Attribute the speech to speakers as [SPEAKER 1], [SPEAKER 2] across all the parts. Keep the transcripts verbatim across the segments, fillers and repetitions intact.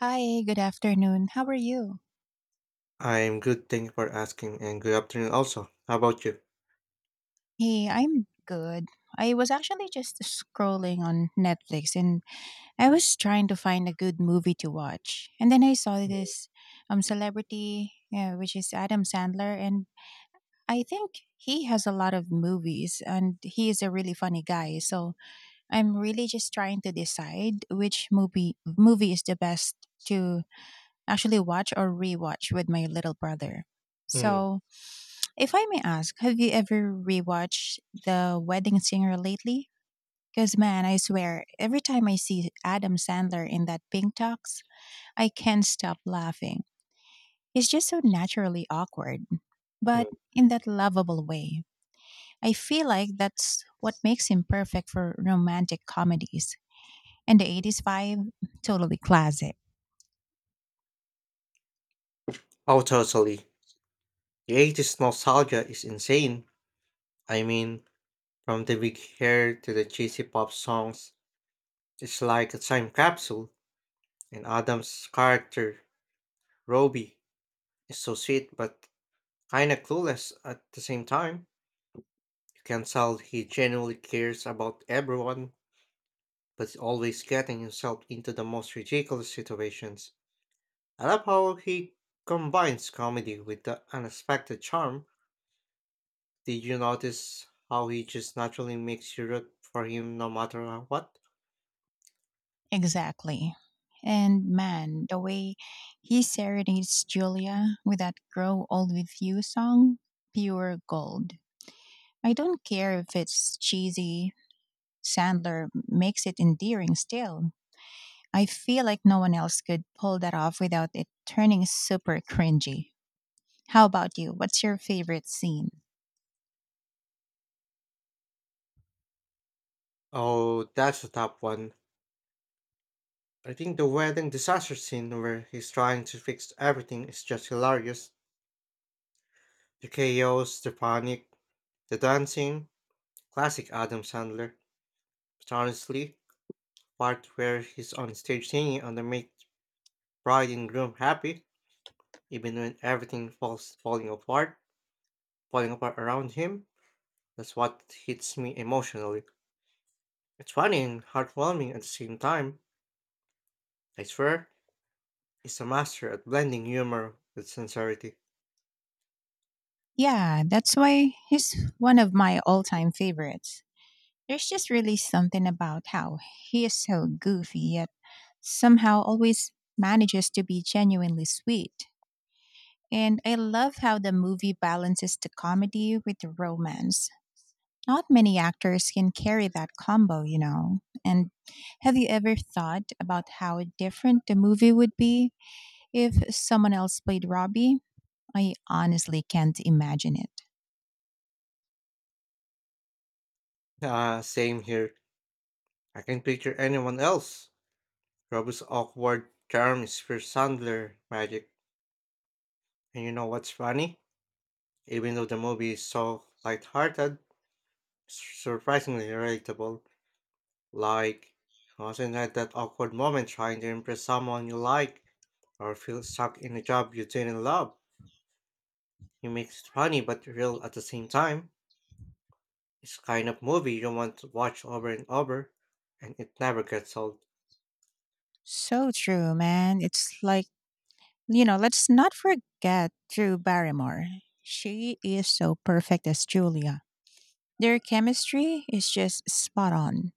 [SPEAKER 1] Hi, good afternoon. How are you?
[SPEAKER 2] I'm good, thank you for asking, and good afternoon also. How about you?
[SPEAKER 1] Hey, I'm good. I was actually just scrolling on Netflix and I was trying to find a good movie to watch. And then I saw
[SPEAKER 2] Mm,
[SPEAKER 1] this um celebrity, yeah, which is Adam Sandler. And I think he has a lot of movies and he is a really funny guy. So, I'm really just trying to decide which movie movie is the best to actually watch or rewatch with my little brother.
[SPEAKER 2] mm,
[SPEAKER 1] So, if I may ask, have you ever rewatched The Wedding Singer lately? Because, man, I swear, every time I see Adam Sandler in that pink tux, I can't stop laughing. He's just so naturally awkward, but
[SPEAKER 2] mm.
[SPEAKER 1] in that lovable way. I feel like that's what makes him perfect for romantic comedies. And the eighties vibe, totally classic.
[SPEAKER 2] Oh, totally. The eighties nostalgia is insane. I mean, from the big hair to the cheesy pop songs, it's like a time capsule. And Adam's character, Roby, is so sweet but kinda clueless at the same time. You can tell he genuinely cares about everyone, but is always getting himself into the most ridiculous situations. I love how he combines comedy with the unexpected charm. Did you notice how he just naturally makes you root for him no matter what?
[SPEAKER 1] Exactly. And man, the way he serenades Julia with that Grow Old With You song, pure gold. I don't care if it's cheesy, Sandler makes it endearing still. I feel like no one else could pull that off without it turning super cringy. How about you? What's your favorite scene?
[SPEAKER 2] Oh, that's a top one. I think the wedding disaster scene where he's trying to fix everything is just hilarious. The chaos, the panic, the dancing, classic Adam Sandler. But honestly, part where he's on stage singing and they make bride and groom happy, even when everything falls falling apart, falling apart around him, that's what hits me emotionally. It's funny and heartwarming at the same time. I swear, he's a master at blending humor with sincerity.
[SPEAKER 1] Yeah, that's why he's one of my all time favorites. There's just really something about how he is so goofy, yet somehow always manages to be genuinely sweet. And I love how the movie balances the comedy with the romance. Not many actors can carry that combo, you know. And have you ever thought about how different the movie would be if someone else played Robbie? I honestly can't imagine it.
[SPEAKER 2] Ah, same here. I can picture anyone else. Robert's awkward charm is pure Sandler magic. And you know what's funny? Even though the movie is so light-hearted, it's surprisingly relatable. Like, I wasn't at that awkward moment trying to impress someone you like, or feel stuck in a job you didn't love. He makes it funny but real at the same time. It's the kind of movie you want to watch over and over, and it never gets old.
[SPEAKER 1] So true, man. It's like, you know, let's not forget Drew Barrymore. She is so perfect as Julia. Their chemistry is just spot on.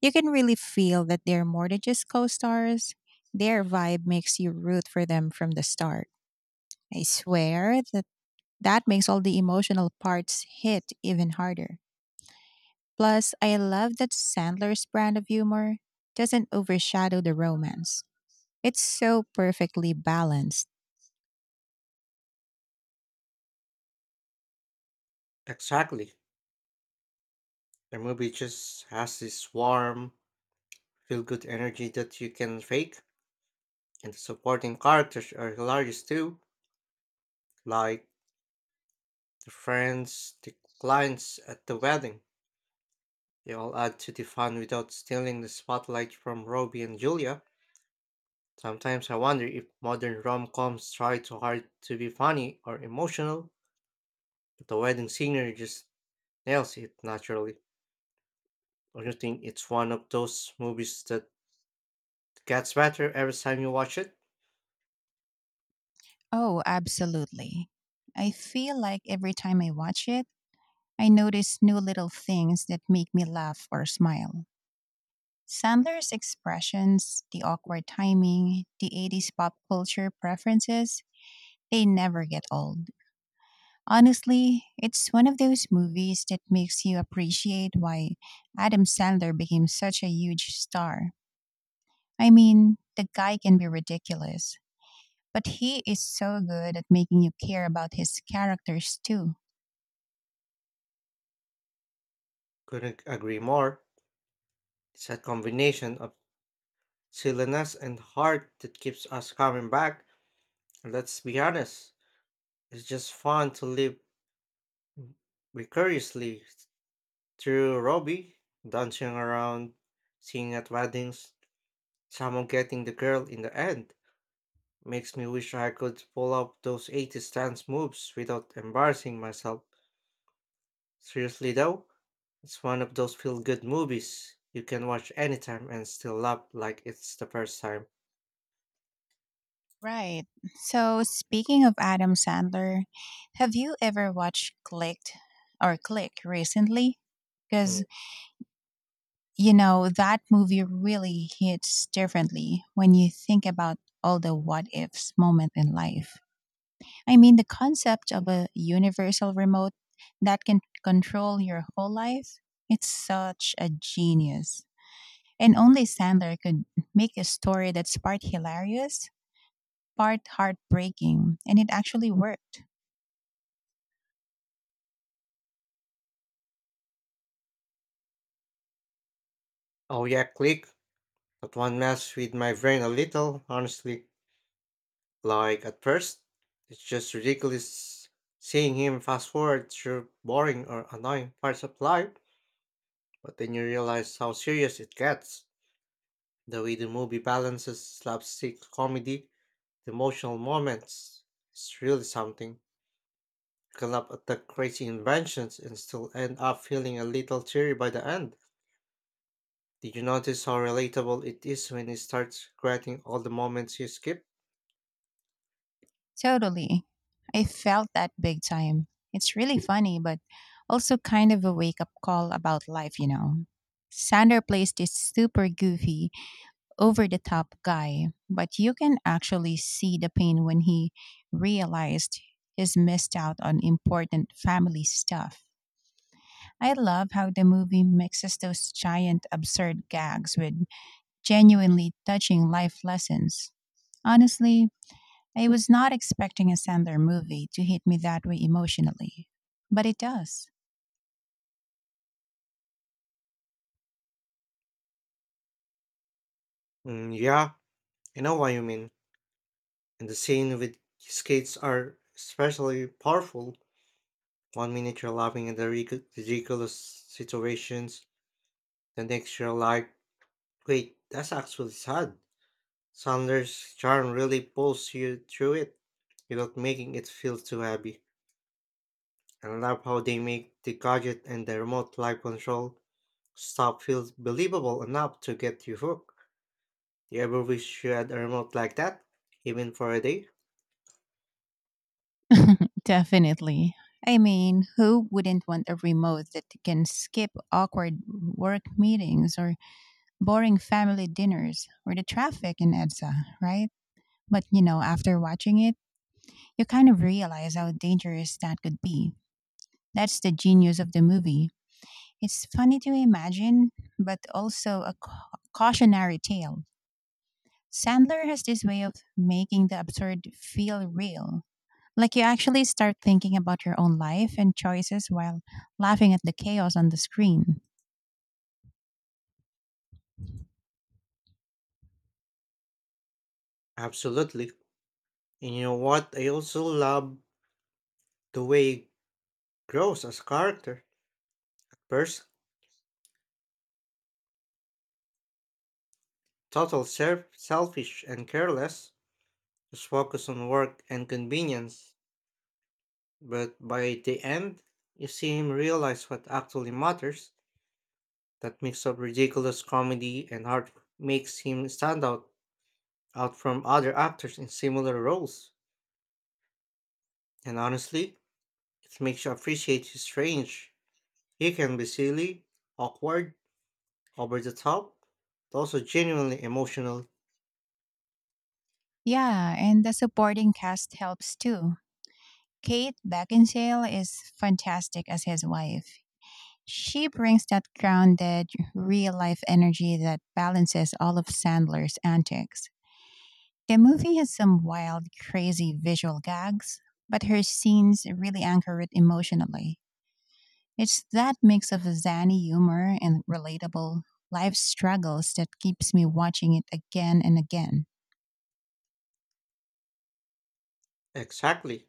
[SPEAKER 1] You can really feel that they're more than just co stars. Their vibe makes you root for them from the start. I swear that that makes all the emotional parts hit even harder. Plus, I love that Sandler's brand of humor doesn't overshadow the romance, it's so perfectly balanced.
[SPEAKER 2] Exactly. The movie just has this warm, feel good energy that you can fake, and the supporting characters are hilarious too, like the friends, the clients at the wedding. They all add to the fun without stealing the spotlight from Robbie and Julia. Sometimes I wonder if modern rom coms try too hard to be funny or emotional. The wedding singer just nails it naturally. Don't you think it's one of those movies that gets better every time you watch it?
[SPEAKER 1] Oh, absolutely. I feel like every time I watch it, I notice new little things that make me laugh or smile. Sandler's expressions, the awkward timing, the eighties pop culture preferences, they never get old. Honestly, it's one of those movies that makes you appreciate why Adam Sandler became such a huge star. I mean, the guy can be ridiculous, but he is so good at making you care about his characters too.
[SPEAKER 2] Couldn't agree more. It's a combination of silliness and heart that keeps us coming back. And let's be honest, it's just fun to live vicariously through Robbie, dancing around, singing at weddings, someone getting the girl in the end. Makes me wish I could pull up those eighties dance moves without embarrassing myself. Seriously though, it's one of those feel good movies you can watch anytime and still laugh like it's the first time.
[SPEAKER 1] Right. So, speaking of Adam Sandler, have you ever watched Clicked or Click recently?
[SPEAKER 2] Mm.
[SPEAKER 1] Because, you know, that movie really hits differently when you think about all the what ifs moment in life. I mean, the concept of a universal remote that can control your whole life, it's such a genius. And only Sandler could make a story that's part hilarious, part heartbreaking, and it actually worked.
[SPEAKER 2] Oh yeah, Click. That one messed with my brain a little, honestly. Like at first, it's just ridiculous seeing him fast forward through boring or annoying parts of life, but then you realize how serious it gets. The way the movie balances slapstick comedy, the emotional moments, it's really something. Collab attack crazy inventions and still end up feeling a little teary by the end. Did you notice how relatable it is when he starts regretting all the moments you skip?
[SPEAKER 1] Totally. I felt that big time. It's really funny, but also kind of a wake up call about life, you know. Sandler plays this super goofy, over the top guy, but you can actually see the pain when he realized he's missed out on important family stuff. I love how the movie mixes those giant absurd gags with genuinely touching life lessons. Honestly, I was not expecting a Sandler movie to hit me that way emotionally, but it does.
[SPEAKER 2] Mm, yeah, I know what you mean. And the scene with skates are especially powerful. One minute you're laughing at the ridic- ridiculous situations, the next you're like, wait, that's actually sad. Sanders' charm really pulls you through it without making it feel too heavy. I love how they make the gadget and the remote live control stuff feel believable enough to get you hooked. Do you ever wish you had a remote like that, even for a day?
[SPEAKER 1] Definitely. I mean, who wouldn't want a remote that can skip awkward work meetings or boring family dinners or the traffic in EDSA, right? But you know, after watching it, you kind of realize how dangerous that could be. That's the genius of the movie. It's funny to imagine, but also a cau- cautionary tale. Sandler has this way of making the absurd feel real. Like you actually start thinking about your own life and choices while laughing at the chaos on the screen.
[SPEAKER 2] Absolutely. And you know what? I also love the way it grows as a character. First, total self- selfish and careless, just focus on work and convenience. But by the end, you see him realize what actually matters. That mix of ridiculous comedy and heart makes him stand out out from other actors in similar roles, and honestly, it makes you appreciate his range. He can be silly, awkward, over the top, but also genuinely emotional.
[SPEAKER 1] Yeah, and the supporting cast helps too. Kate Beckinsale is fantastic as his wife. She brings that grounded, real life energy that balances all of Sandler's antics. The movie has some wild, crazy visual gags, but her scenes really anchor it emotionally. It's that mix of zany humor and relatable life struggles that keeps me watching it again and again.
[SPEAKER 2] Exactly.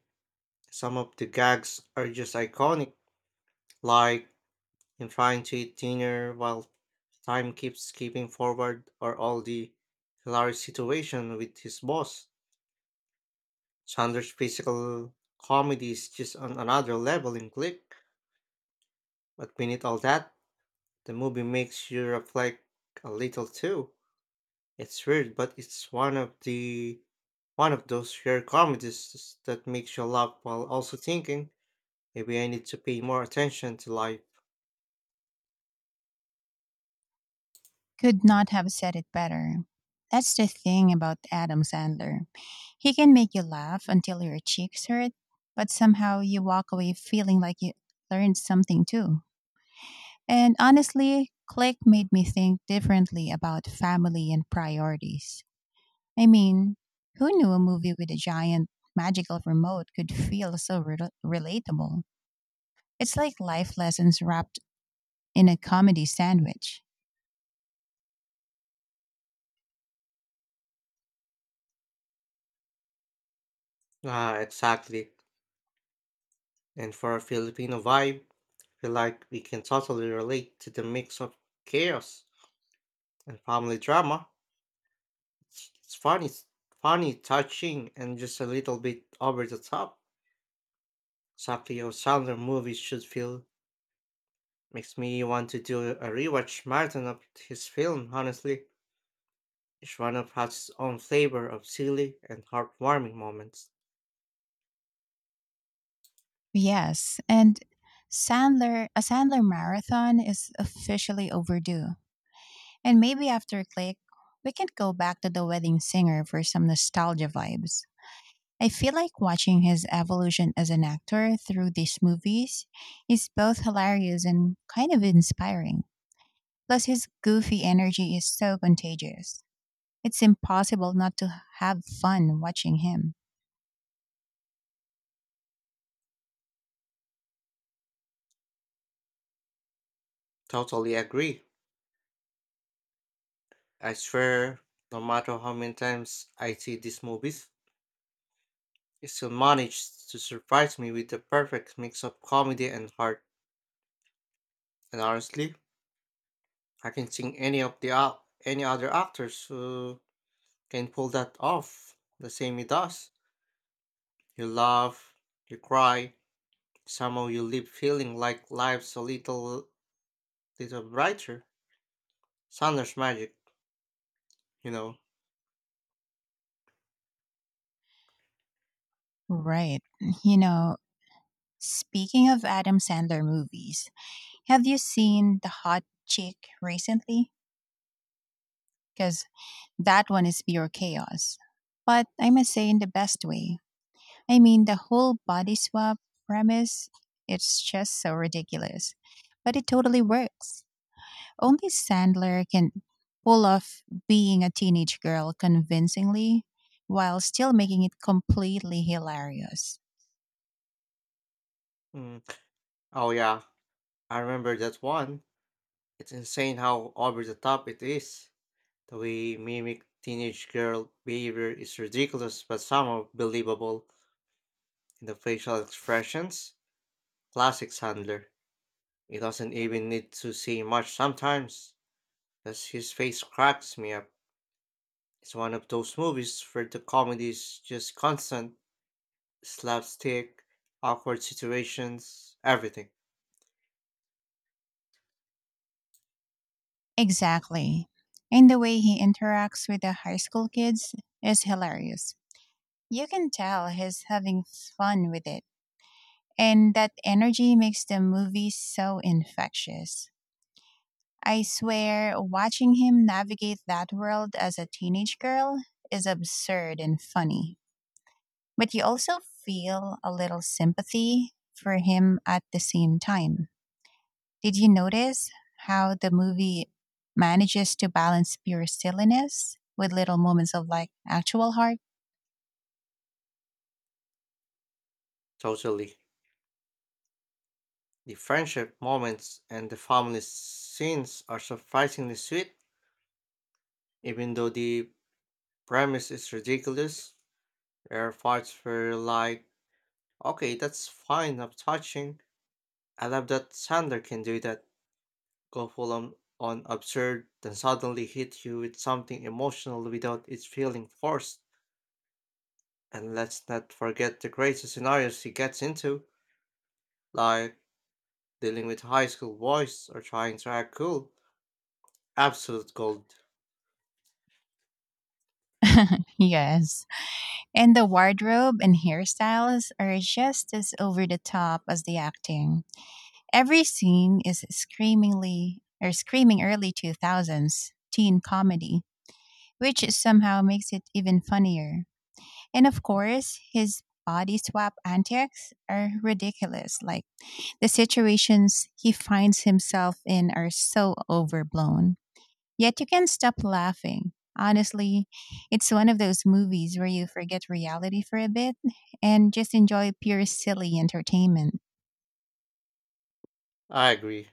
[SPEAKER 2] Some of the gags are just iconic, like in trying to eat dinner while time keeps skipping forward, or all the hilarious situation with his boss. Chandler's physical comedy is just on another level in Click, but beneath all that, the movie makes you reflect a little too. It's weird, but it's one of the one of those rare comedies that makes you laugh while also thinking. Maybe I need to pay more attention to life.
[SPEAKER 1] Could not have said it better. That's the thing about Adam Sandler. He can make you laugh until your cheeks hurt, but somehow you walk away feeling like you learned something too. And honestly, Click made me think differently about family and priorities. I mean, who knew a movie with a giant magical remote could feel so rel relatable? It's like life lessons wrapped in a comedy sandwich.
[SPEAKER 2] Ah, exactly. And for a Filipino vibe, I feel like we can totally relate to the mix of chaos and family drama. It's it's funny, funny, touching, and just a little bit over the top. Exactly how Sandler movies should feel. Makes me want to do a rewatch marathon of his film, honestly. Each one of has its own flavor of silly and heartwarming moments.
[SPEAKER 1] Yes, and Sandler, a Sandler marathon is officially overdue. And maybe after Click, we can go back to The Wedding Singer for some nostalgia vibes. I feel like watching his evolution as an actor through these movies is both hilarious and kind of inspiring. Plus, his goofy energy is so contagious. It's impossible not to have fun watching him.
[SPEAKER 2] Totally agree. I swear, no matter how many times I see these movies, it still manages to surprise me with the perfect mix of comedy and heart. And honestly, I can think any of the ou- any other actors who can pull that off the same he does. You laugh, you cry, somehow you leave feeling like life's a little little brighter. Sanders magic, you know.
[SPEAKER 1] Right. You know, speaking of Adam Sandler movies, have you seen The Hot Chick recently? Because that one is pure chaos. But I must say, in the best way. I mean, the whole body swap premise, it's just so ridiculous. But it totally works. Only Sandler can pull off being a teenage girl convincingly while still making it completely hilarious.
[SPEAKER 2] Mm. Oh yeah, I remember that one. It's insane how over the top it is. The way mimic teenage girl behavior is ridiculous but somehow believable in the facial expressions. Classic Sandler. He doesn't even need to say much sometimes, as his face cracks me up. It's one of those movies where the comedy is just constant slapstick, awkward situations, everything.
[SPEAKER 1] Exactly. And the way he interacts with the high school kids is hilarious. You can tell he's having fun with it. And that energy makes the movie so infectious. I swear, watching him navigate that world as a teenage girl is absurd and funny. But you also feel a little sympathy for him at the same time. Did you notice how the movie manages to balance pure silliness with little moments of like actual heart?
[SPEAKER 2] Totally. The friendship moments and the family scenes are surprisingly sweet, even though the premise is ridiculous. There are parts where you're like, okay, that's fine, I'm touching. I love that Sander can do that. Go full on, on absurd, then suddenly hit you with something emotional without it feeling forced. And let's not forget the crazy scenarios he gets into, like dealing with high school boys or trying to act cool. Absolute gold.
[SPEAKER 1] Yes. And the wardrobe and hairstyles are just as over the top as the acting. Every scene is screamingly or screaming early two thousands teen comedy, which somehow makes it even funnier. And of course, his body swap antics are ridiculous. Like the situations he finds himself in are so overblown. Yet you can't stop laughing. Honestly, it's one of those movies where you forget reality for a bit and just enjoy pure silly entertainment.
[SPEAKER 2] I agree.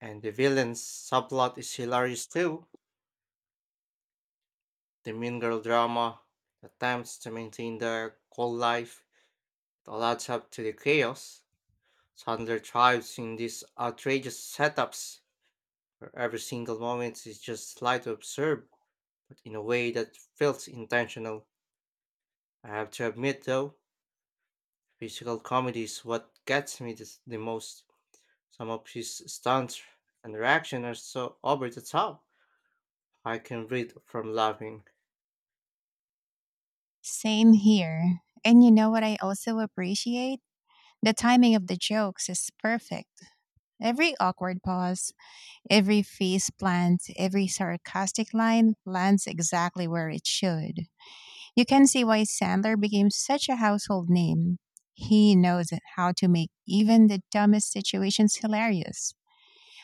[SPEAKER 2] And the villain's subplot is hilarious too. The mean girl drama, the attempts to maintain their cool life, it all adds up to the chaos. Sandler thrives in these outrageous setups where every single moment is just slightly absurd, but in a way that feels intentional. I have to admit though, physical comedy is what gets me this, the most. Some of his stunts and reaction are so over the top, I can breathe from laughing.
[SPEAKER 1] Same here. And you know what I also appreciate? The timing of the jokes is perfect. Every awkward pause, every face plant, every sarcastic line lands exactly where it should. You can see why Sandler became such a household name. He knows how to make even the dumbest situations hilarious.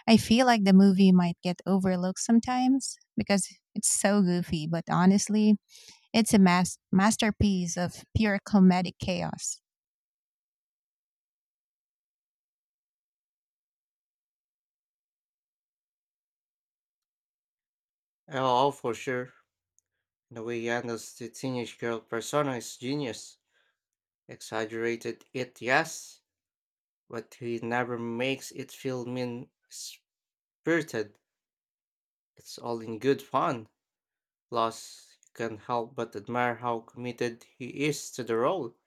[SPEAKER 1] I feel like the movie might get overlooked sometimes because it's so goofy, but honestly, it's a mas- masterpiece of pure comedic chaos.
[SPEAKER 2] Oh, for sure. The way he handles the teenage girl persona is genius. Exaggerated it, yes, but he never makes it feel mean spirited. It's all in good fun. Plus, you can help but admire how committed he is to the role.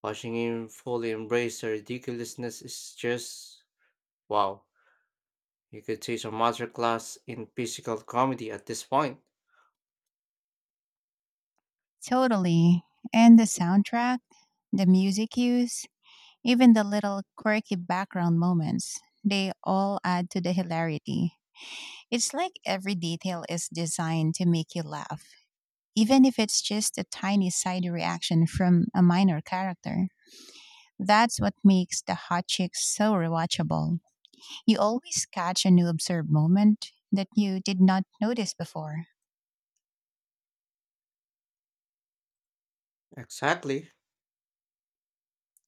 [SPEAKER 2] Watching him fully embrace the ridiculousness is just wow. You could teach a master class in physical comedy at this point.
[SPEAKER 1] Totally. And the soundtrack, the music use, even the little quirky background moments, they all add to the hilarity. It's like every detail is designed to make you laugh, even if it's just a tiny side reaction from a minor character. That's what makes The Hot Chicks so rewatchable. You always catch a new absurd moment that you did not notice before.
[SPEAKER 2] Exactly.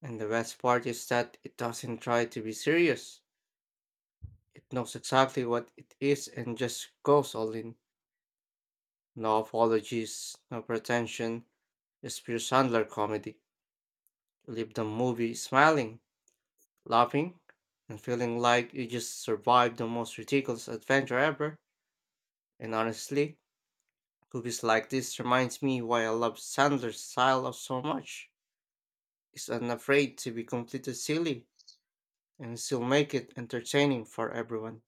[SPEAKER 2] And the best part is that it doesn't try to be serious. It knows exactly what it is and just goes all in. No apologies, no pretension, just pure Sandler comedy. You leave the movie smiling, laughing, and feeling like you just survived the most ridiculous adventure ever. And honestly, movies like this reminds me why I love Sandler's style of so much. Is unafraid to be completely silly and still make it entertaining for everyone.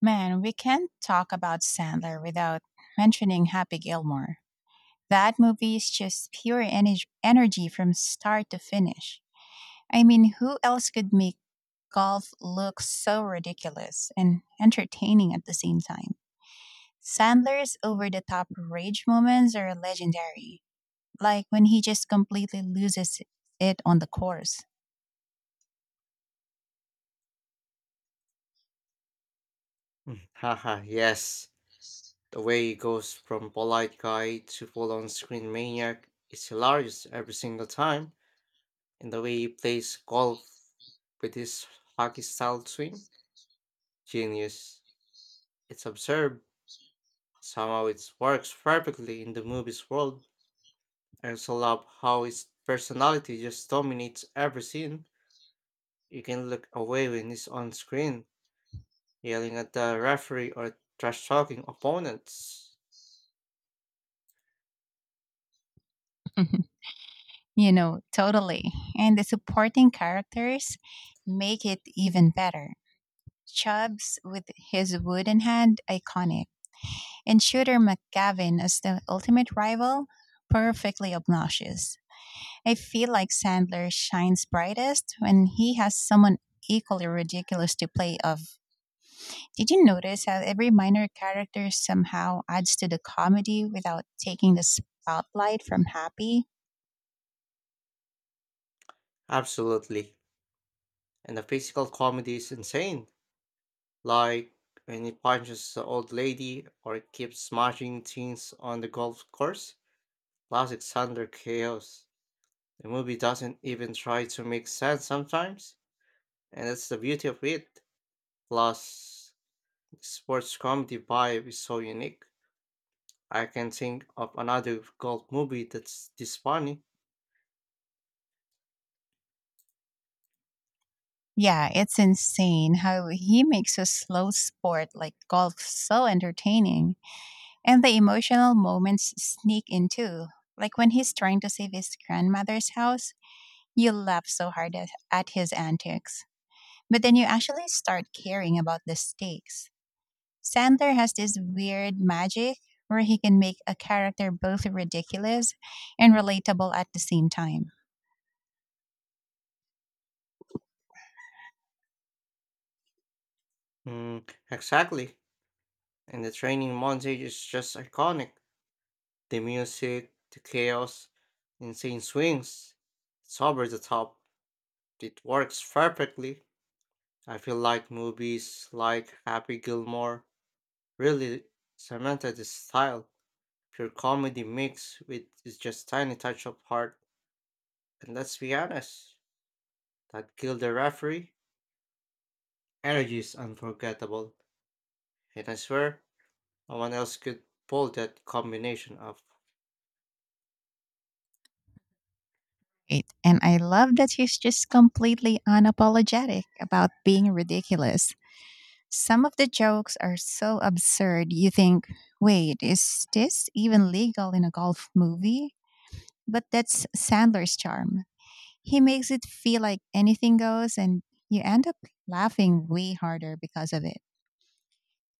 [SPEAKER 1] Man, we can't talk about Sandler without mentioning Happy Gilmore. That movie is just pure ener- energy from start to finish. I mean, who else could make golf look so ridiculous and entertaining at the same time? Sandler's over the top rage moments are legendary, like when he just completely loses it on the course.
[SPEAKER 2] Mm, haha, yes. The way he goes from polite guy to full on screen maniac is hilarious every single time, and the way he plays golf with his hockey style swing, genius. It's absurd. Somehow it works perfectly in the movie's world. I also love how his personality just dominates every scene. You can look away when he's on screen yelling at the referee or trash talking opponents.
[SPEAKER 1] You know, totally. And the supporting characters make it even better. Chubbs with his wooden hand iconic, and Shooter McGavin as the ultimate rival perfectly obnoxious. I feel like Sandler shines brightest when he has someone equally ridiculous to play of. Did you notice how every minor character somehow adds to the comedy without taking the spotlight from Happy?
[SPEAKER 2] Absolutely. And the physical comedy is insane. Like when he punches the old lady or keeps smashing things on the golf course. Classic Thunder Chaos. The movie doesn't even try to make sense sometimes, and that's the beauty of it. Plus, sports comedy vibe is so unique. I can think of another golf movie that's this funny.
[SPEAKER 1] Yeah, it's insane how he makes a slow sport like golf so entertaining. And the emotional moments sneak in too. Like when he's trying to save his grandmother's house, you laugh so hard at, at his antics. But then you actually start caring about the stakes. Sandler has this weird magic where he can make a character both ridiculous and relatable at the same time.
[SPEAKER 2] Mm, exactly. And the training montage is just iconic. The music, the chaos, insane swings. It's over the top. It works perfectly. I feel like movies like Happy Gilmore really cemented this style. Pure comedy mixed with is just tiny touch of heart. And let's be honest, that Kill the Referee energy is unforgettable. And I swear, no one else could pull that combination off.
[SPEAKER 1] Right. And I love that he's just completely unapologetic about being ridiculous. Some of the jokes are so absurd you think, wait, is this even legal in a golf movie? But that's Sandler's charm. He makes it feel like anything goes, and you end up laughing way harder because of it.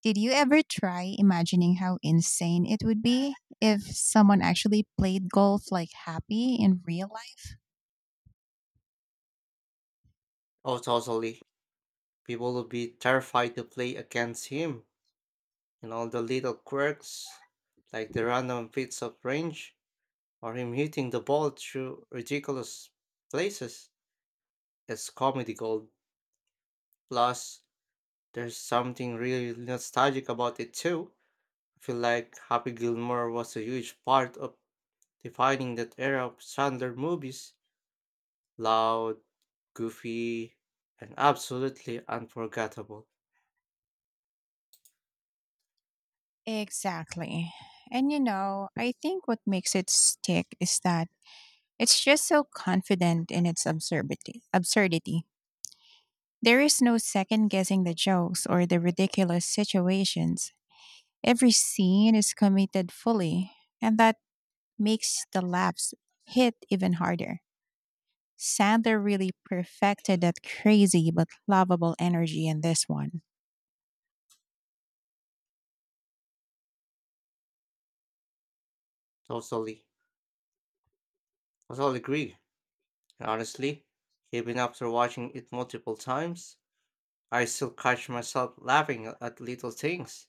[SPEAKER 1] Did you ever try imagining how insane it would be if someone actually played golf like Happy in real life?
[SPEAKER 2] Oh, totally. People will be terrified to play against him and all the little quirks, like the random fits of range or him hitting the ball through ridiculous places, is comedy gold. Plus, there's something really nostalgic about it too. I feel like Happy Gilmore was a huge part of defining that era of Sandler movies. Loud, goofy, and absolutely unforgettable.
[SPEAKER 1] Exactly. And you know, I think what makes it stick is that it's just so confident in its absurdity. Absurdity. There is no second guessing the jokes or the ridiculous situations. Every scene is committed fully, and that makes the laughs hit even harder. Sandler really perfected that crazy but lovable energy in this one.
[SPEAKER 2] Totally. Totally agree. And honestly, even after watching it multiple times, I still catch myself laughing at little things.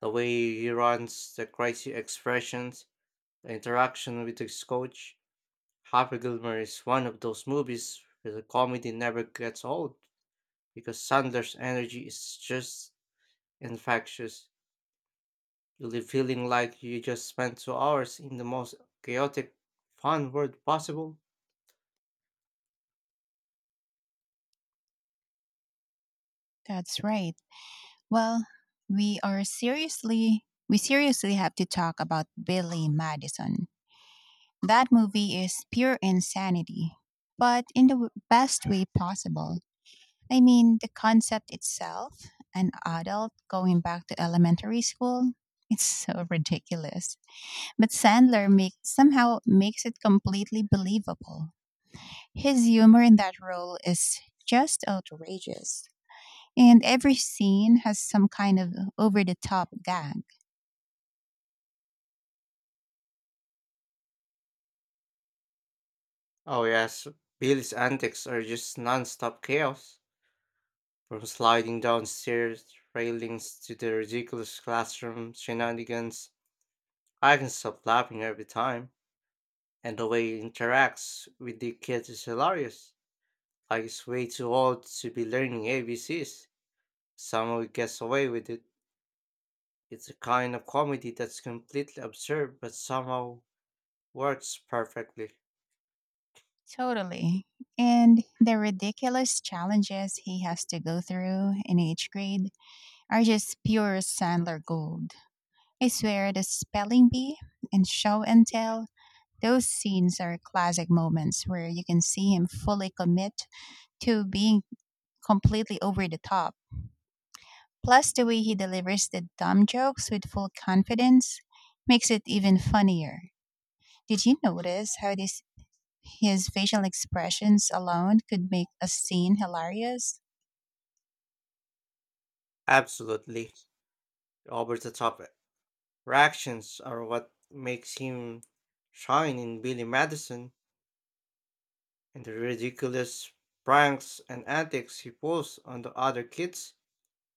[SPEAKER 2] The way he runs, the crazy expressions, the interaction with his coach. Happy Gilmore is one of those movies where the comedy never gets old because Sanders' energy is just infectious. You leave feeling like you just spent two hours in the most chaotic, fun world possible.
[SPEAKER 1] That's right. Well, we are seriously we seriously have to talk about Billy Madison. That movie is pure insanity, but in the w- best way possible. I mean, the concept itself, an adult going back to elementary school, it's so ridiculous. But Sandler make, somehow makes it completely believable. His humor in that role is just outrageous. And every scene has some kind of over the top gag.
[SPEAKER 2] Oh, yes, Billy's antics are just non stop chaos. From sliding downstairs railings to the ridiculous classroom shenanigans, I can stop laughing every time. And the way he interacts with the kids is hilarious. Like he's way too old to be learning A B Cs. Somehow he gets away with it. It's a kind of comedy that's completely absurd but somehow works perfectly.
[SPEAKER 1] Totally. And the ridiculous challenges he has to go through in each grade are just pure Sandler gold. I swear the spelling bee and show and tell, those scenes are classic moments where you can see him fully commit to being completely over the top. Plus, the way he delivers the dumb jokes with full confidence makes it even funnier. Did you notice how these, his facial expressions alone could make a scene hilarious.
[SPEAKER 2] Absolutely. Over the top eh. reactions are what makes him shine in Billy Madison and the ridiculous pranks and antics he pulls on the other kids,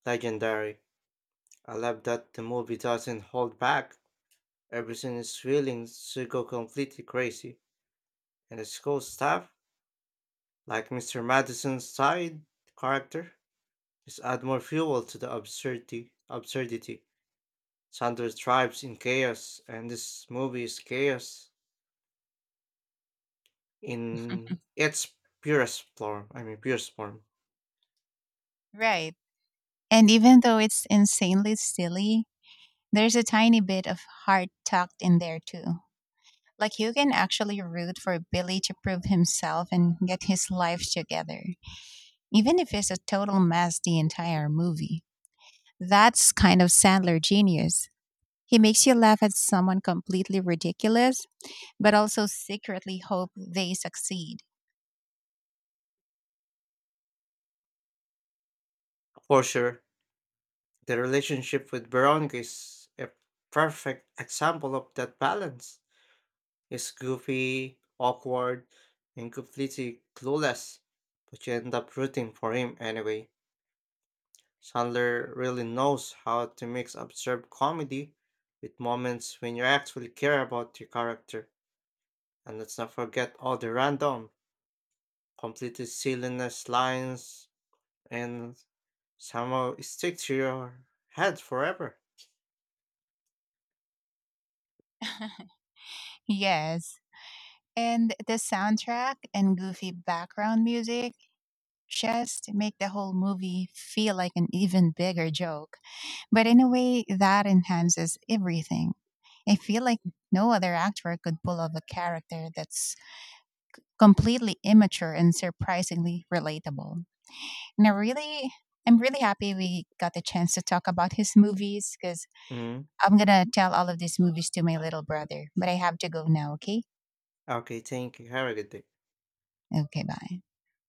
[SPEAKER 2] legendary. I love that the movie doesn't hold back. Everything is willing to go completely crazy. And the school staff, like Mister Madison's side character, just add more fuel to the absurdity. absurdity. Sandra thrives in chaos, and this movie is chaos in its purest form. I mean, purest form.
[SPEAKER 1] Right. And even though it's insanely silly, there's a tiny bit of heart tucked in there too. Like you can actually root for Billy to prove himself and get his life together, even if it's a total mess the entire movie. That's kind of Sandler genius. He makes you laugh at someone completely ridiculous, but also secretly hope they succeed.
[SPEAKER 2] For sure. The relationship with Veronica is a perfect example of that balance. It's goofy, awkward, and completely clueless, but you end up rooting for him anyway. Sandler really knows how to mix absurd comedy with moments when you actually care about your character. And let's not forget all the random, completely silliness lines and somehow stick to your head forever.
[SPEAKER 1] Yes, and the soundtrack and goofy background music just make the whole movie feel like an even bigger joke. But in a way, that enhances everything. I feel like no other actor could pull off a character that's completely immature and surprisingly relatable. And I really, I'm really happy we got the chance to talk about his movies because
[SPEAKER 2] Mhm.
[SPEAKER 1] I'm going to tell all of these movies to my little brother. But I have to go now, okay?
[SPEAKER 2] Ah, okay, thank you. Have a good day.
[SPEAKER 1] Okay, bye.